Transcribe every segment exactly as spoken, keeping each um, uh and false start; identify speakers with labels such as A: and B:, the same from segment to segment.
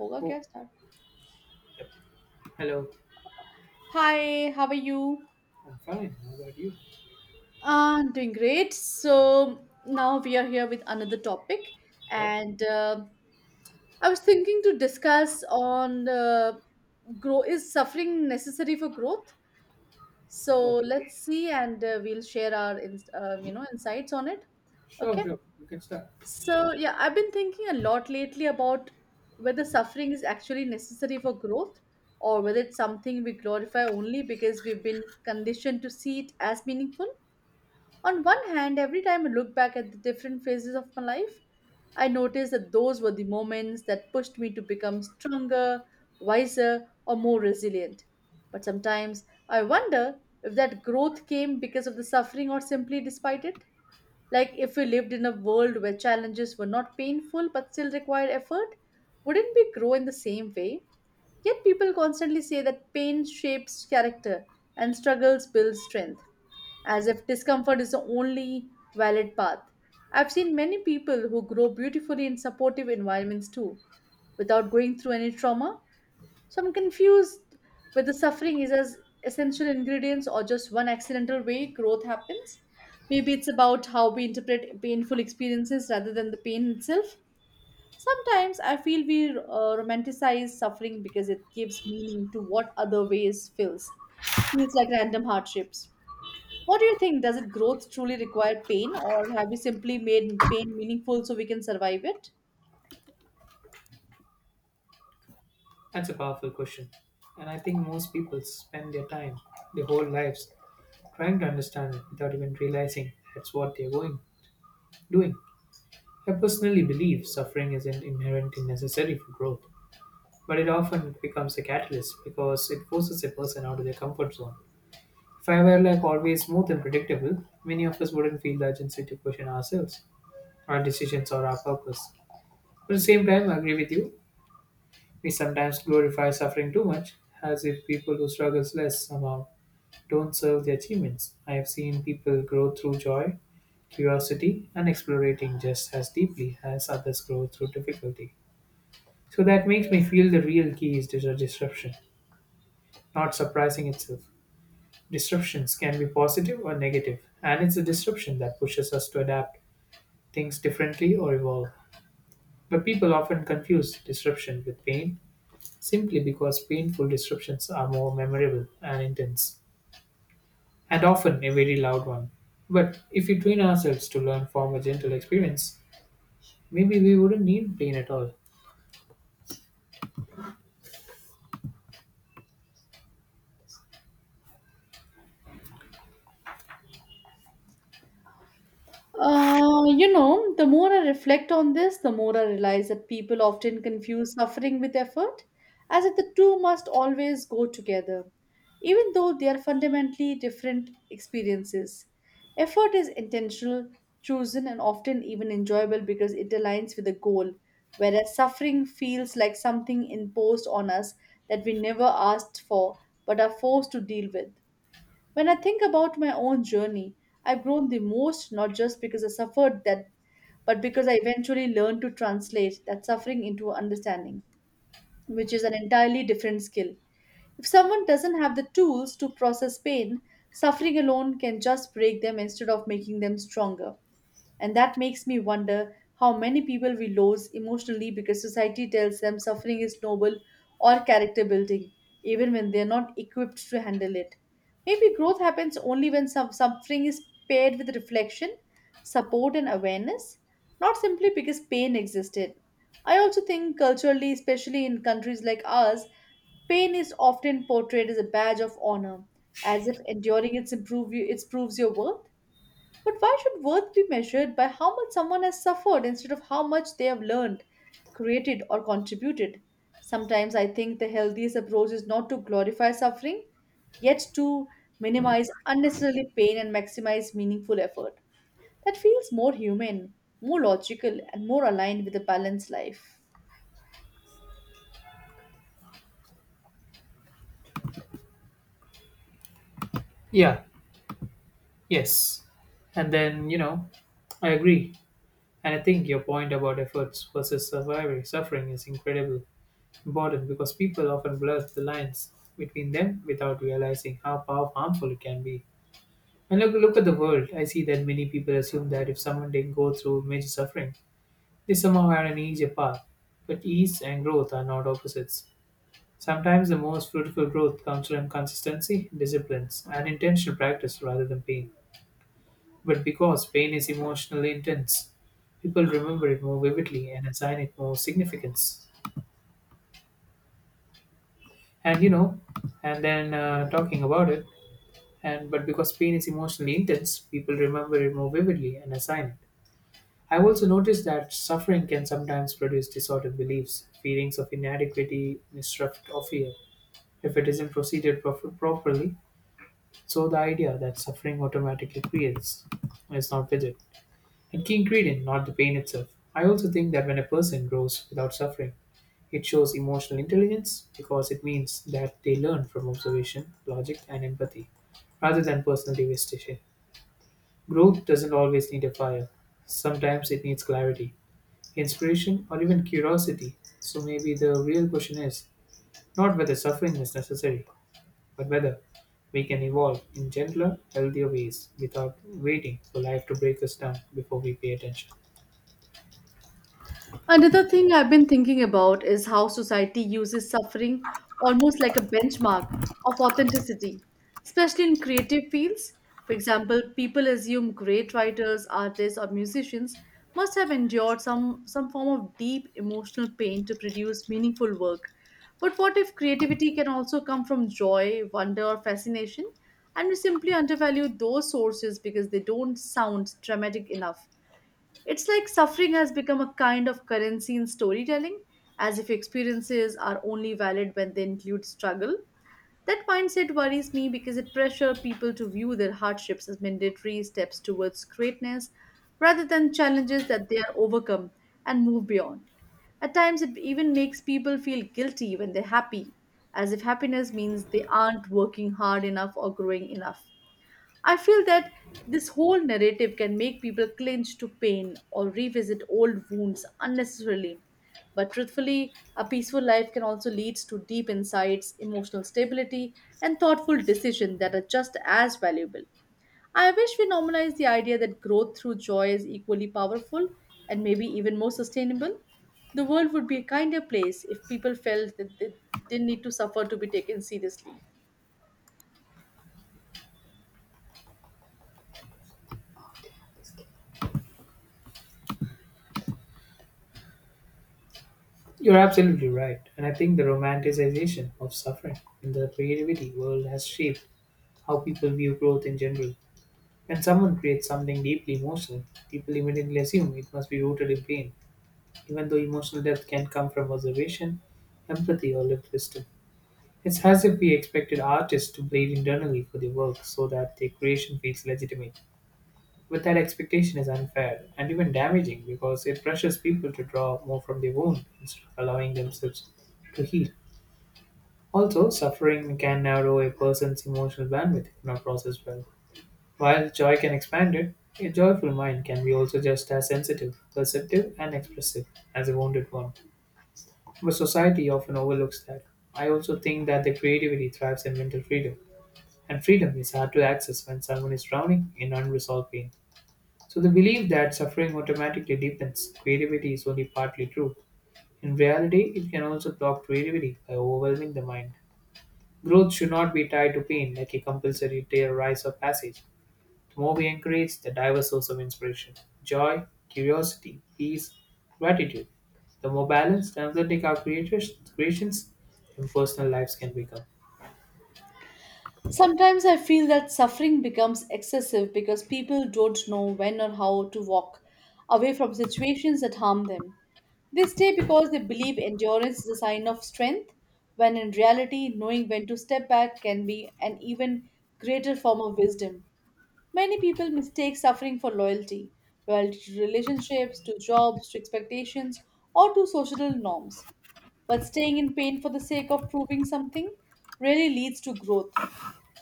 A: होगा क्या
B: Oh,
A: start.
B: yep. Hello.
A: Hi, how are you?
B: I'm fine. How about you?
A: Uh doing great. So now we are here with another topic,
B: Yep.
A: and uh, I was thinking to discuss on uh, grow is suffering necessary for growth. So
B: Okay.
A: let's see, and uh, we'll share our ins- uh, you know insights on it.
B: Sure,
A: Okay.
B: sure. You can start.
A: So, yeah, I've been thinking a lot lately about whether suffering is actually necessary for growth or whether it's something we glorify only because we've been conditioned to see it as meaningful. On one hand, every time I look back at the different phases of my life, I notice that those were the moments that pushed me to become stronger, wiser, or more resilient. But sometimes I wonder if that growth came because of the suffering or simply despite it. Like, if we lived in a world where challenges were not painful but still required effort, wouldn't we grow in the same way? Yet, people constantly say that pain shapes character and struggles build strength, as if discomfort is the only valid path. I've seen many people who grow beautifully in supportive environments too, without going through any trauma. So I'm confused whether suffering is as essential ingredients or just one accidental way growth happens. Maybe it's about how we interpret painful experiences rather than the pain itself. Sometimes I feel we uh, romanticize suffering because it gives meaning to what other ways feels. Feels like random hardships. What do you think? Does it growth truly require pain, or have we simply made pain meaningful so we can survive it?
B: That's a powerful question. And I think most people spend their time, their whole lives, trying to understand it without even realizing that's what they're going, doing. I personally believe suffering isn't inherently necessary for growth, but it often becomes a catalyst because it forces a person out of their comfort zone. If I were like always smooth and predictable, many of us wouldn't feel the urgency to question ourselves, our decisions, or our purpose. But at the same time, I agree with you. We sometimes glorify suffering too much, as if people who struggle less somehow don't serve their achievements. I have seen people grow through joy, curiosity, and exploring just as deeply as others grow through difficulty. So that makes me feel the real key is dis- disruption, not surprising itself. Disruptions can be positive or negative, and it's a disruption that pushes us to adapt things differently or evolve. But people often confuse disruption with pain simply because painful disruptions are more memorable and intense, and often a very loud one. But if we train ourselves to learn from a gentle experience, maybe we wouldn't need pain at all.
A: Uh, you know, the more I reflect on this, the more I realize that people often confuse suffering with effort, as if the two must always go together, even though they are fundamentally different experiences. Effort is intentional, chosen, and often even enjoyable because it aligns with a goal, whereas suffering feels like something imposed on us that we never asked for but are forced to deal with. When I think about my own journey, I've grown the most not just because I suffered that, but because I eventually learned to translate that suffering into understanding, which is an entirely different skill. If someone doesn't have the tools to process pain, suffering alone can just break them instead of making them stronger. And that makes me wonder how many people we lose emotionally because society tells them suffering is noble or character building, even when they're not equipped to handle it. Maybe growth happens only when some suffering is paired with reflection, support, and awareness, not simply because pain existed. I also think culturally, especially in countries like ours, pain is often portrayed as a badge of honor, as if enduring it, improve, it proves your worth, but why should worth be measured by how much someone has suffered instead of how much they have learned, created, or contributed? Sometimes I think the healthiest approach is not to glorify suffering, yet to minimize unnecessarily pain and maximize meaningful effort. That feels more human, more logical, and more aligned with a balanced life.
B: Yeah, yes. And then, you know, I agree. And I think your point about efforts versus surviving suffering is incredibly important because people often blur the lines between them without realizing how pow- harmful it can be. And look, look at the world. I see that many people assume that if someone didn't go through major suffering, they somehow had an easier path. But ease and growth are not opposites. Sometimes the most fruitful growth comes from consistency, disciplines, and intentional practice rather than pain. But because pain is emotionally intense, people remember it more vividly and assign it more significance. And you know, and then uh, talking about it, and but because pain is emotionally intense, people remember it more vividly and assign it. I've also noticed that suffering can sometimes produce disordered beliefs, feelings of inadequacy, mistrust, or fear if it isn't proceeded prof- properly. So the idea that suffering automatically creates is not rigid. And key ingredient, not the pain itself. I also think that when a person grows without suffering, it shows emotional intelligence because it means that they learn from observation, logic, and empathy rather than personal devastation. Growth doesn't always need a fire, sometimes it needs clarity, inspiration, or even curiosity. So maybe the real question is not whether suffering is necessary, but whether we can evolve in gentler, healthier ways without waiting for life to break us down before we pay attention.
A: Another thing I've been thinking about is how society uses suffering almost like a benchmark of authenticity, especially in creative fields. For example, people assume great writers, artists, or musicians must have endured some, some form of deep emotional pain to produce meaningful work. But what if creativity can also come from joy, wonder, or fascination? And we simply undervalue those sources because they don't sound dramatic enough. It's like suffering has become a kind of currency in storytelling, as if experiences are only valid when they include struggle. That mindset worries me because it pressures people to view their hardships as mandatory steps towards greatness rather than challenges that they are overcome and move beyond. At times, it even makes people feel guilty when they're happy, as if happiness means they aren't working hard enough or growing enough. I feel that this whole narrative can make people clinch to pain or revisit old wounds unnecessarily. But truthfully, a peaceful life can also lead to deep insights, emotional stability, and thoughtful decisions that are just as valuable. I wish we normalize the idea that growth through joy is equally powerful and maybe even more sustainable. The world would be a kinder place if people felt that they didn't need to suffer to be taken seriously.
B: You're absolutely right, and I think the romanticization of suffering in the creativity world has shaped how people view growth in general. When someone creates something deeply emotional, people immediately assume it must be rooted in pain, even though emotional depth can come from observation, empathy, or lived wisdom. It's as if we expected artists to bleed internally for their work so that their creation feels legitimate. Without expectation is unfair and even damaging because it pressures people to draw more from their wound instead of allowing themselves to heal. Also, suffering can narrow a person's emotional bandwidth if not processed well. While joy can expand it, a joyful mind can be also just as sensitive, perceptive, and expressive as a wounded one. But society often overlooks that. I also think that the creativity thrives in mental freedom, and freedom is hard to access when someone is drowning in unresolved pain. So the belief that suffering automatically deepens creativity is only partly true. In reality, it can also block creativity by overwhelming the mind. Growth should not be tied to pain like a compulsory tear rise or passage. The more we encourage the diverse source of inspiration, joy, curiosity, peace, gratitude, the more balanced and authentic our creators, creations and personal lives can become.
A: Sometimes I feel that suffering becomes excessive because people don't know when or how to walk away from situations that harm them. They stay because they believe endurance is a sign of strength, when in reality, knowing when to step back can be an even greater form of wisdom. Many people mistake suffering for loyalty loyalty to relationships, to jobs, to expectations, or to social norms. But staying in pain for the sake of proving something rarely leads to growth.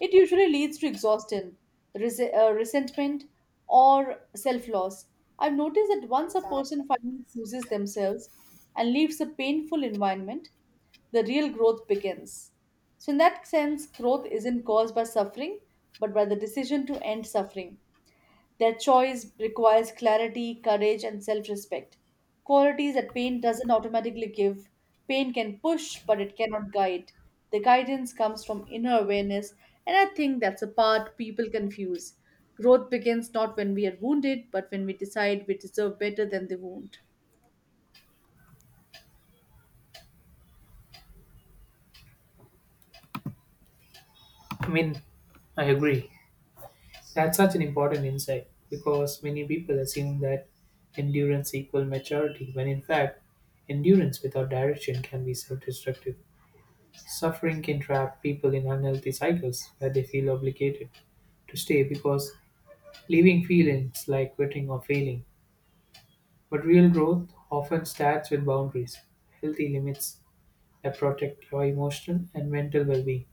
A: It usually leads to exhaustion, res- uh, resentment, or self loss. I've noticed that once a person finally chooses themselves and leaves a painful environment, the real growth begins. So, in that sense, growth isn't caused by suffering, but by the decision to end suffering. Their choice requires clarity, courage, and self respect. Qualities that pain doesn't automatically give. Pain can push, but it cannot guide. The guidance comes from inner awareness, and I think that's a part people confuse. Growth begins not when we are wounded, but when we decide we deserve better than the wound.
B: I mean, I agree. That's such an important insight because many people assume that endurance equals maturity when in fact endurance without direction can be self-destructive. Suffering can trap people in unhealthy cycles where they feel obligated to stay because leaving feelings like quitting or failing. But real growth often starts with boundaries, healthy limits that protect your emotional and mental well-being.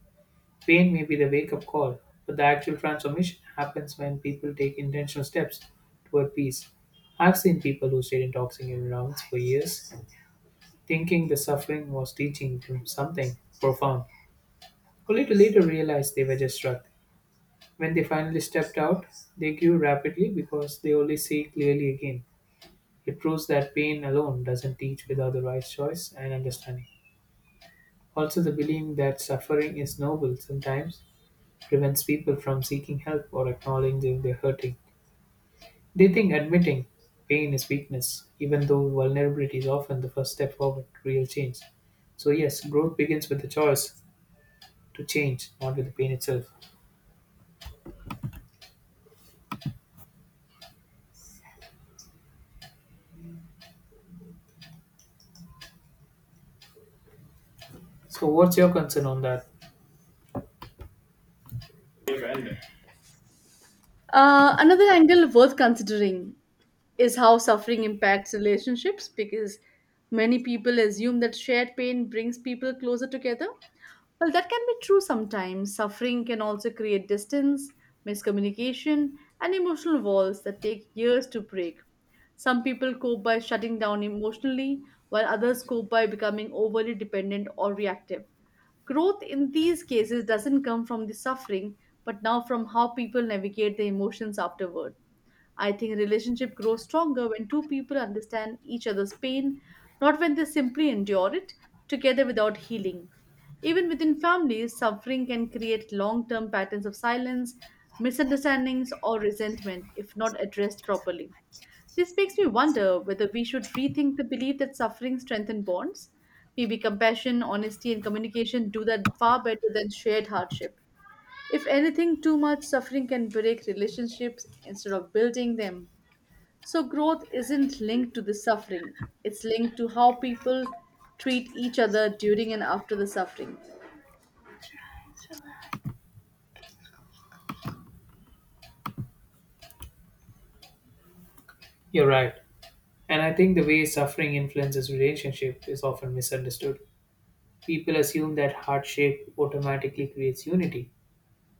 B: Pain may be the wake up call, but the actual transformation happens when people take intentional steps toward peace. I've seen people who stayed in toxic environments for years, thinking the suffering was teaching them something profound, only to later realize they were just stuck. When they finally stepped out, they grew rapidly because they only see clearly again. It proves that pain alone doesn't teach without the right choice and understanding. Also, the believing that suffering is noble sometimes prevents people from seeking help or acknowledging they're hurting. They think admitting pain is weakness, even though vulnerability is often the first step forward to real change. So, yes, growth begins with the choice to change, not with the pain itself. So, what's your concern on that?
A: Uh, another angle worth considering is how suffering impacts relationships, because many people assume that shared pain brings people closer together. Well, that can be true sometimes. Suffering can also create distance, miscommunication, and emotional walls that take years to break. Some people cope by shutting down emotionally, while others cope by becoming overly dependent or reactive. Growth in these cases doesn't come from the suffering, but now from how people navigate their emotions afterward. I think a relationship grows stronger when two people understand each other's pain, not when they simply endure it together without healing. Even within families, suffering can create long term patterns of silence, misunderstandings, or resentment if not addressed properly. This makes me wonder whether we should rethink the belief that suffering strengthens bonds. Maybe compassion, honesty, and communication do that far better than shared hardship. If anything, too much suffering can break relationships instead of building them. So, growth isn't linked to the suffering, it's linked to how people treat each other during and after the suffering.
B: You're right. And I think the way suffering influences relationship is often misunderstood. People assume that hardship automatically creates unity,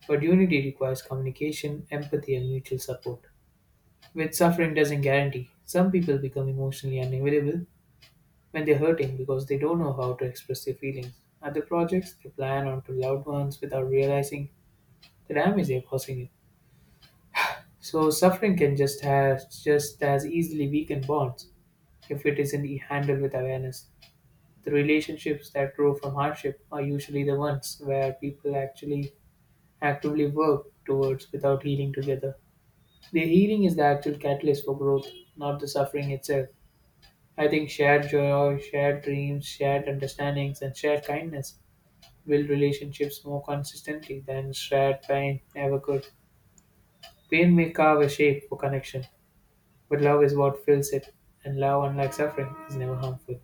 B: but unity requires communication, empathy, and mutual support, which suffering doesn't guarantee. Some people become emotionally unavailable when they're hurting because they don't know how to express their feelings. Other projects, they plan onto loved ones without realizing the damage they're causing it. So suffering can just have just as easily weaken bonds if it isn't handled with awareness. The relationships that grow from hardship are usually the ones where people actually actively work towards without healing together. The healing is the actual catalyst for growth, not the suffering itself. I think shared joy, shared dreams, shared understandings, and shared kindness build relationships more consistently than shared pain ever could. Pain may carve a shape for connection, but love is what fills it, and love, unlike suffering, is never harmful.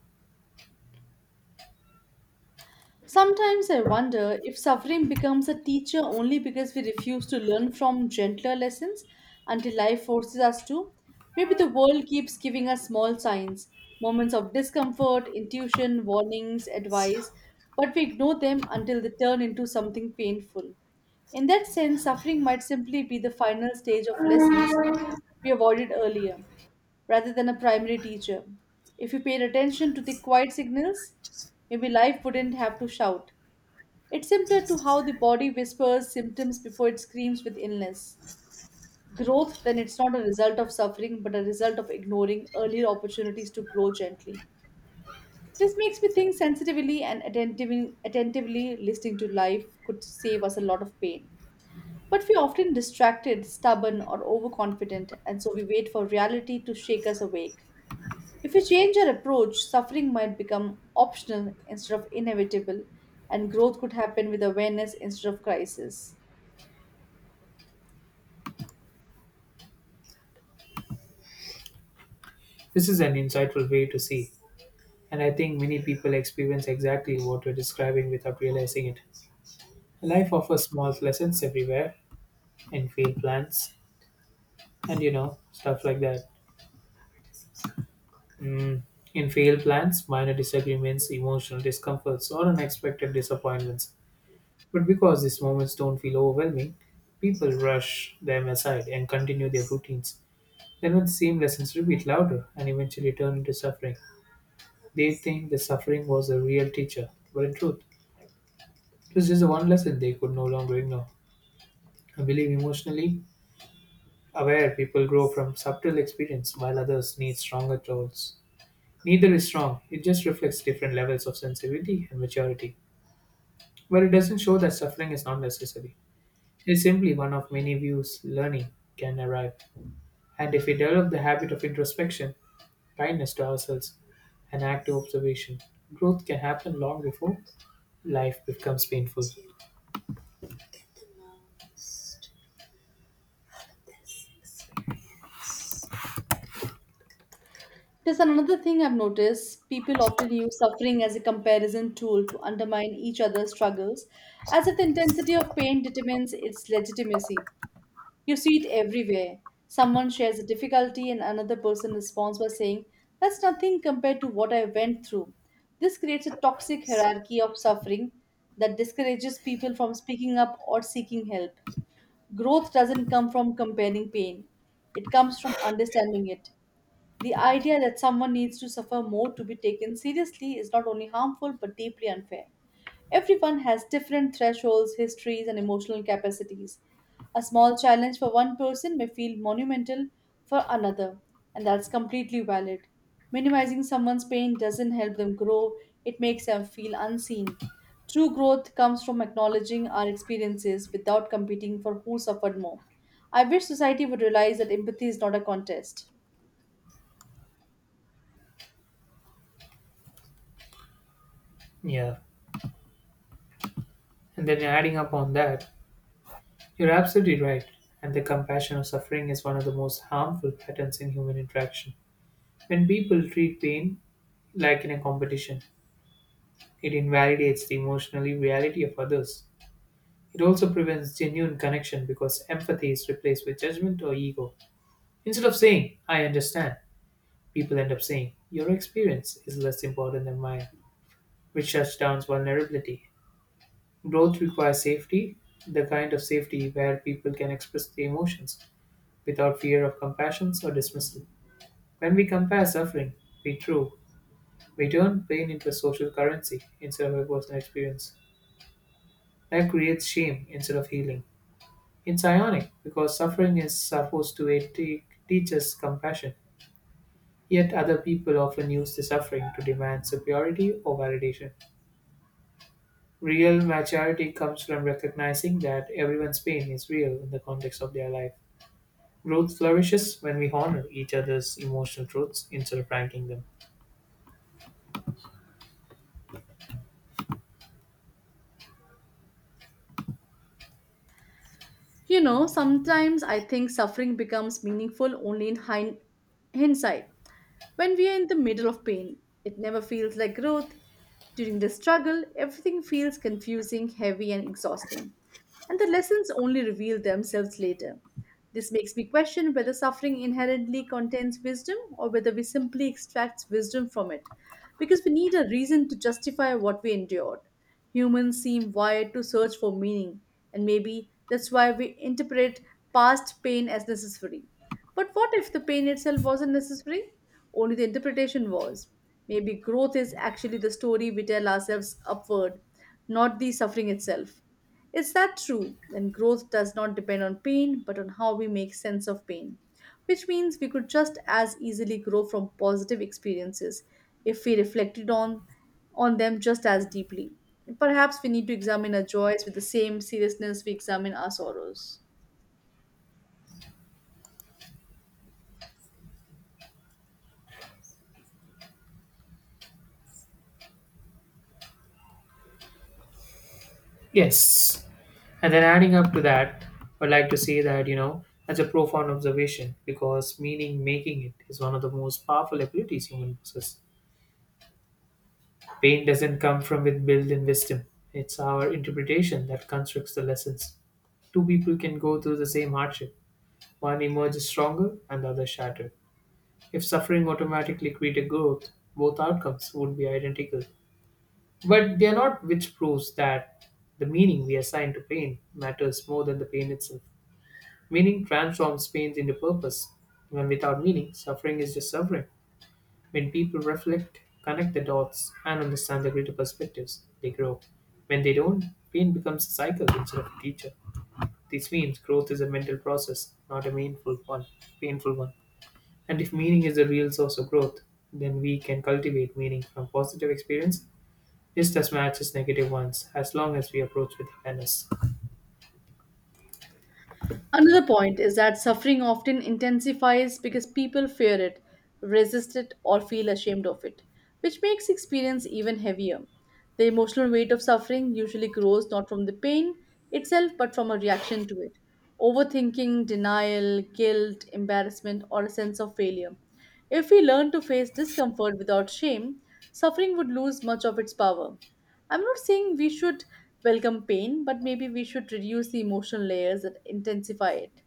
A: Sometimes I wonder if suffering becomes a teacher only because we refuse to learn from gentler lessons until life forces us to. Maybe the world keeps giving us small signs, moments of discomfort, intuition, warnings, advice, but we ignore them until they turn into something painful. In that sense, suffering might simply be the final stage of lessons we avoided earlier, rather than a primary teacher. If we paid attention to the quiet signals, maybe life wouldn't have to shout. It's simpler to how the body whispers symptoms before it screams with illness. Growth, then, it's not a result of suffering, but a result of ignoring earlier opportunities to grow gently. This makes me think sensitively and attentively, attentively listening to life could save us a lot of pain. But we're often distracted, stubborn, or overconfident, and so we wait for reality to shake us awake. If we change our approach, suffering might become optional instead of inevitable, and growth could happen with awareness instead of crisis.
B: This is an insightful way to see, and I think many people experience exactly what you're describing without realizing it. Life offers small lessons everywhere, in field plans, and you know, stuff like that. Mm, in failed plans, minor disagreements, emotional discomforts, or unexpected disappointments. But because these moments don't feel overwhelming, people rush them aside and continue their routines. Then, when the same lessons repeat louder and eventually turn into suffering, they think the suffering was a real teacher. But in truth, it was just the one lesson they could no longer ignore. I believe emotionally aware people grow from subtle experience, while others need stronger tools. Neither is strong, it just reflects different levels of sensitivity and maturity. But it doesn't show that suffering is not necessary. It's simply one of many views learning can arrive. And if we develop the habit of introspection, kindness to ourselves, and active observation, growth can happen long before life becomes painful.
A: There's another thing I've noticed. People often use suffering as a comparison tool to undermine each other's struggles, as if the intensity of pain determines its legitimacy. You see it everywhere. Someone shares a difficulty, and another person responds by saying, "That's nothing compared to what I went through." This creates a toxic hierarchy of suffering that discourages people from speaking up or seeking help. Growth doesn't come from comparing pain, it comes from understanding it. The idea that someone needs to suffer more to be taken seriously is not only harmful but deeply unfair. Everyone has different thresholds, histories, and emotional capacities. A small challenge for one person may feel monumental for another, and that's completely valid. Minimizing someone's pain doesn't help them grow, it makes them feel unseen. True growth comes from acknowledging our experiences without competing for who suffered more. I wish society would realize that empathy is not a contest.
B: Yeah. And then adding up on that, you're absolutely right. And the compassion of suffering is one of the most harmful patterns in human interaction. When people treat pain like in a competition, it invalidates the emotional reality of others. It also prevents genuine connection because empathy is replaced with judgment or ego. Instead of saying, "I understand," people end up saying, "Your experience is less important than mine," which shuts down vulnerability. Growth requires safety, the kind of safety where people can express their emotions without fear of compassion or dismissal. When we compare suffering, we true, we turn pain into a social currency instead of a personal experience. That creates shame instead of healing. It's ironic because suffering is supposed to eh, te- teach us compassion, yet other people often use the suffering to demand superiority or validation. Real maturity comes from recognizing that everyone's pain is real in the context of their life. Growth flourishes when we honor each other's emotional truths instead of ranking them.
A: You know, sometimes I think suffering becomes meaningful only in hind- hindsight. When we are in the middle of pain, it never feels like growth. During the struggle, everything feels confusing, heavy, and exhausting. And the lessons only reveal themselves later. This makes me question whether suffering inherently contains wisdom or whether we simply extract wisdom from it, because we need a reason to justify what we endured. Humans seem wired to search for meaning, and maybe that's why we interpret past pain as necessary. But what if the pain itself wasn't necessary? Only the interpretation was. Maybe growth is actually the story we tell ourselves upward not the suffering itself. Is that true? Then growth does not depend on pain, but on how we make sense of pain, which means we could just as easily grow from positive experiences if we reflected on, on them just as deeply. Perhaps we need to examine our joys with the same seriousness we examine our sorrows.
B: Yes, and then adding up to that, I'd like to say that, you know, that's a profound observation because meaning making it is one of the most powerful abilities human possess. Pain doesn't come from with built-in wisdom. It's our interpretation that constructs the lessons. Two people can go through the same hardship. One emerges stronger and the other shattered. If suffering automatically created growth, both outcomes would be identical. But they are not, which proves that the meaning we assign to pain matters more than the pain itself. Meaning transforms pain into purpose. When without meaning, suffering is just suffering. When people reflect, connect the dots, and understand the greater perspectives, they grow. When they don't, pain becomes a cycle instead of a teacher. This means growth is a mental process, not a meaningful one. Painful one. And if meaning is the real source of growth, then we can cultivate meaning from positive experience just as much as negative ones, as long as we approach with awareness.
A: Another point is that suffering often intensifies because people fear it, resist it, or feel ashamed of it, which makes experience even heavier. The emotional weight of suffering usually grows not from the pain itself but from a reaction to it: overthinking, denial, guilt, embarrassment, or a sense of failure. If we learn to face discomfort without shame, suffering would lose much of its power. I'm not saying we should welcome pain, but maybe we should reduce the emotional layers that intensify it.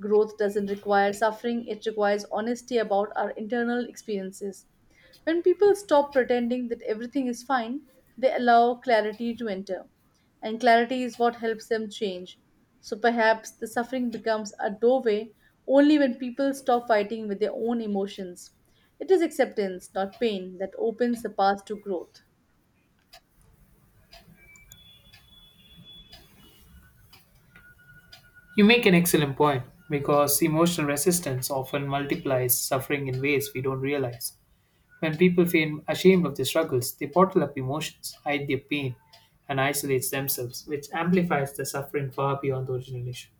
A: Growth doesn't require suffering, it requires honesty about our internal experiences. When people stop pretending that everything is fine, they allow clarity to enter. And clarity is what helps them change. So perhaps the suffering becomes a doorway only when people stop fighting with their own emotions. It is acceptance, not pain, that opens the path to growth.
B: You make an excellent point because emotional resistance often multiplies suffering in ways we don't realize. When people feel ashamed of their struggles, they bottle up emotions, hide their pain, and isolate themselves, which amplifies the suffering far beyond the original issue.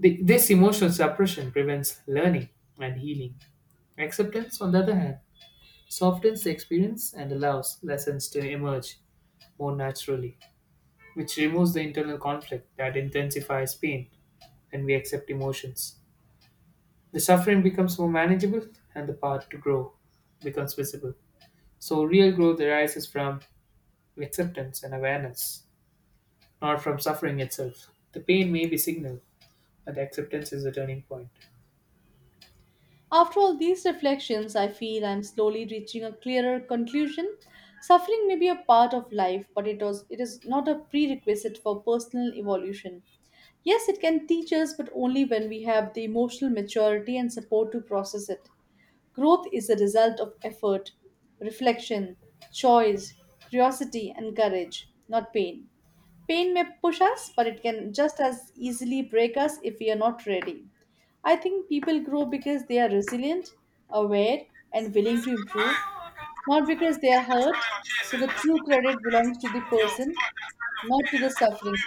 B: The- this emotional suppression prevents learning and healing. Acceptance, on the other hand, softens the experience and allows lessons to emerge more naturally, which removes the internal conflict that intensifies pain when we accept emotions. The suffering becomes more manageable and the path to grow becomes visible. So, real growth arises from acceptance and awareness, not from suffering itself. The pain may be signal, but the acceptance is the turning point.
A: After all these reflections, I feel I am slowly reaching a clearer conclusion. Suffering may be a part of life, but it, was, it is not a prerequisite for personal evolution. Yes, it can teach us, but only when we have the emotional maturity and support to process it. Growth is the result of effort, reflection, choice, curiosity, and courage, not pain. Pain may push us, but it can just as easily break us if we are not ready. I think people grow because they are resilient, aware, and willing to improve, not because they are hurt. So the true credit belongs to the person, not to the suffering.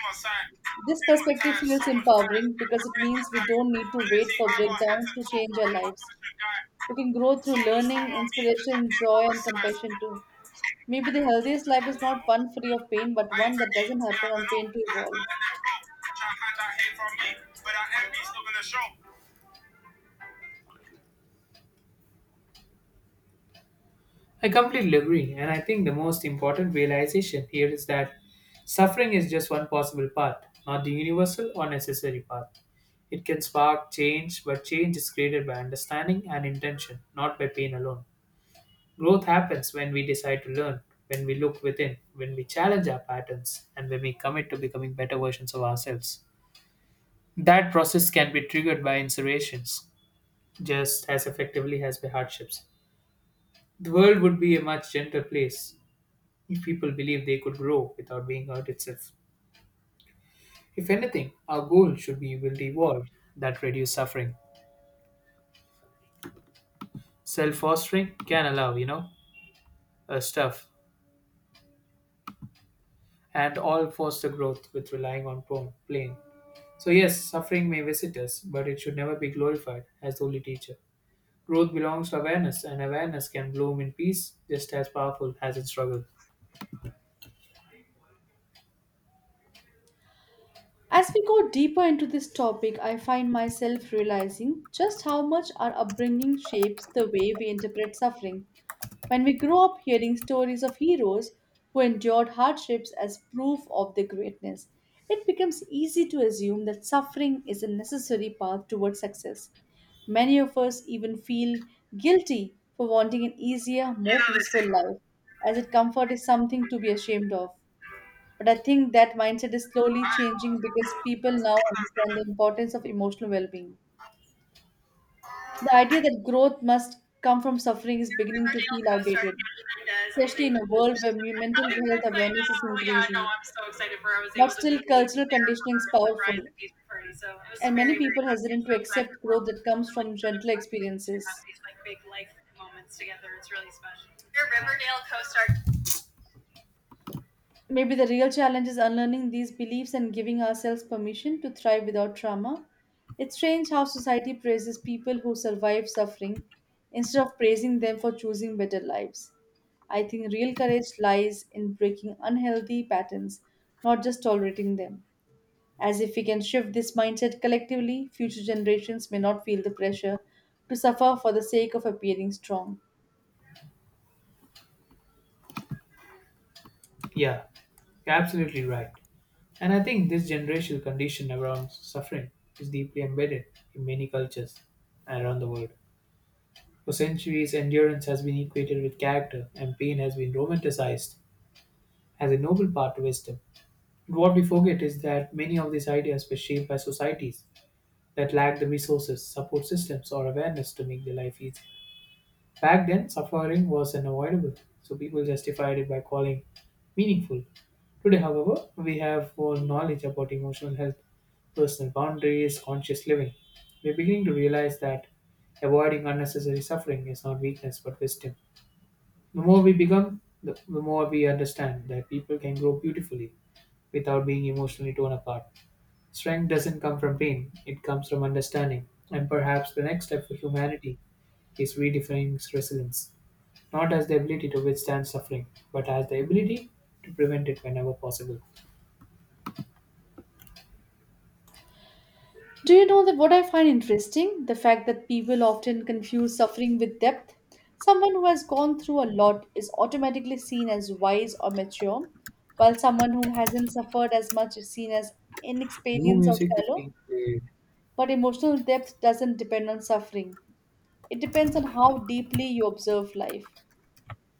A: This perspective
B: So
A: feels empowering because it means we don't need to wait for breakdowns to change our lives. We can grow
B: So
A: through learning, inspiration, joy, and compassion too. Maybe the healthiest life is not one free of pain, but one that doesn't happen on pain to evolve.
B: show. I completely agree, and I think the most important realization here is that suffering is just one possible path, not the universal or necessary path. It can spark change, but change is created by understanding and intention, not by pain alone. Growth happens when we decide to learn, when we look within, when we challenge our patterns, and when we commit to becoming better versions of ourselves. That process can be triggered by inspirations just as effectively as by hardships. The world would be a much gentler place if people believe they could grow without being hurt itself. If anything, our goal should be will evolve that reduce suffering. Self fostering can allow, you know, uh, stuff and all foster growth with relying on pro- playing. So, yes, suffering may visit us, but it should never be glorified as the only teacher. Growth belongs to awareness, and awareness can bloom in peace just as powerful as in struggle.
A: As we go deeper into this topic, I find myself realizing just how much our upbringing shapes the way we interpret suffering. When we grow up hearing stories of heroes who endured hardships as proof of their greatness, it becomes easy to assume that suffering is a necessary path towards success. Many of us even feel guilty for wanting an easier,
B: You
A: more
B: know, they say
A: peaceful life, as if comfort is something to be ashamed of. But I think that mindset is slowly changing because people now understand the importance of emotional well being. The idea that growth must come from suffering is beginning to
B: Riverdale
A: feel
B: co-star
A: outdated,
B: Kat Mendez is
A: especially in a world
B: engaged.
A: where me- mental
B: How
A: health
B: exactly I
A: awareness
B: know.
A: is
B: Yeah, no,
A: increasing.
B: I'm so excited for her. I was
A: But
B: able to
A: still,
B: be
A: cultural
B: there
A: conditioning
B: for
A: is
B: her surprise
A: powerful,
B: engagement party. So I was
A: and many
B: very, very
A: people
B: happy. I'm
A: hesitant to
B: so glad that
A: accept
B: we're
A: growth
B: all
A: that comes
B: still in
A: from
B: each other's
A: gentle
B: lives to have
A: experiences.
B: these like big life moments together. It's really special. Your Riverdale co-star.
A: Maybe the real challenge is unlearning these beliefs and giving ourselves permission to thrive without trauma. It's strange how society praises people who survive suffering instead of praising them for choosing better lives. I think real courage lies in breaking unhealthy patterns, not just tolerating them. As if we can shift this mindset collectively, future generations may not feel the pressure to suffer for the sake of appearing strong.
B: Yeah, you're absolutely right. And I think this generational condition around suffering is deeply embedded in many cultures and around the world. For centuries, endurance has been equated with character, and pain has been romanticized as a noble part of wisdom. But what we forget is that many of these ideas were shaped by societies that lacked the resources, support systems, or awareness to make their life easy. Back then, suffering was unavoidable, so people justified it by calling meaningful. Today, however, we have more knowledge about emotional health, personal boundaries, conscious living. We're beginning to realize that avoiding unnecessary suffering is not weakness but wisdom. The more we become, the, the more we understand that people can grow beautifully without being emotionally torn apart. Strength doesn't come from pain, it comes from understanding. And perhaps the next step for humanity is redefining resilience, not as the ability to withstand suffering, but as the ability to prevent it whenever possible.
A: Do you know that what I find interesting? The fact that people often confuse suffering with depth. Someone who has gone through a lot is automatically seen as wise or mature, while someone who hasn't suffered as much is seen as
B: No
A: inexperienced or
B: music is
A: shallow.
B: being played.
A: But emotional depth doesn't depend on suffering, it depends on how deeply you observe life.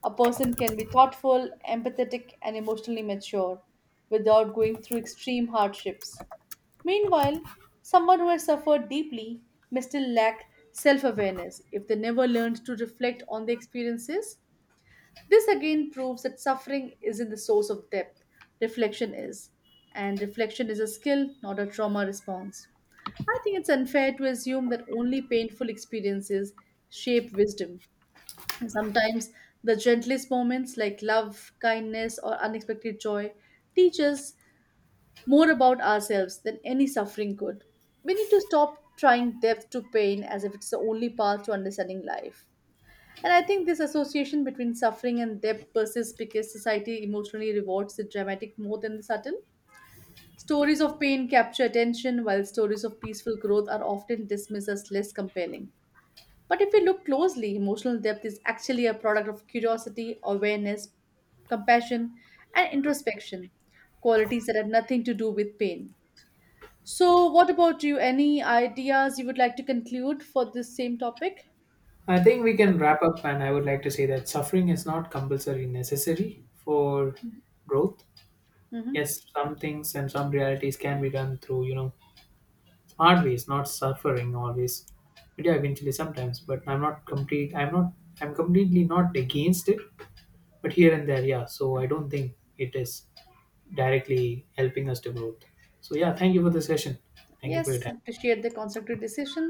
A: A person can be thoughtful, empathetic, and emotionally mature without going through extreme hardships. Meanwhile, someone who has suffered deeply may still lack self awareness if they never learned to reflect on their experiences. This again proves that suffering isn't the source of depth, reflection is. And reflection is a skill, not a trauma response. I think it's unfair to assume that only painful experiences shape wisdom. And sometimes the gentlest moments, like love, kindness, or unexpected joy, teach us more about ourselves than any suffering could. We need to stop trying depth to pain as if it's the only path to understanding life. And I think this association between suffering and depth persists because society emotionally rewards the dramatic more than the subtle. Stories of pain capture attention, while stories of peaceful growth are often dismissed as less compelling. But if we look closely, emotional depth is actually a product of curiosity, awareness, compassion, and introspection, qualities that have nothing to do with pain. So, what about you? Any ideas you would like to conclude for this same topic?
B: I think we can wrap up, and I would like to say that suffering is not compulsory necessary for growth.
A: Hmm.
B: Yes, some things and some realities can be done through, you know, always not suffering always, but yeah, eventually sometimes. But I'm not complete I'm not I'm completely not against it, but here and there. Yeah, so I don't think it is directly helping us to growth. So yeah, thank you for the session. Thank you for your
A: Yes,
B: time.
A: appreciate the constructive decision.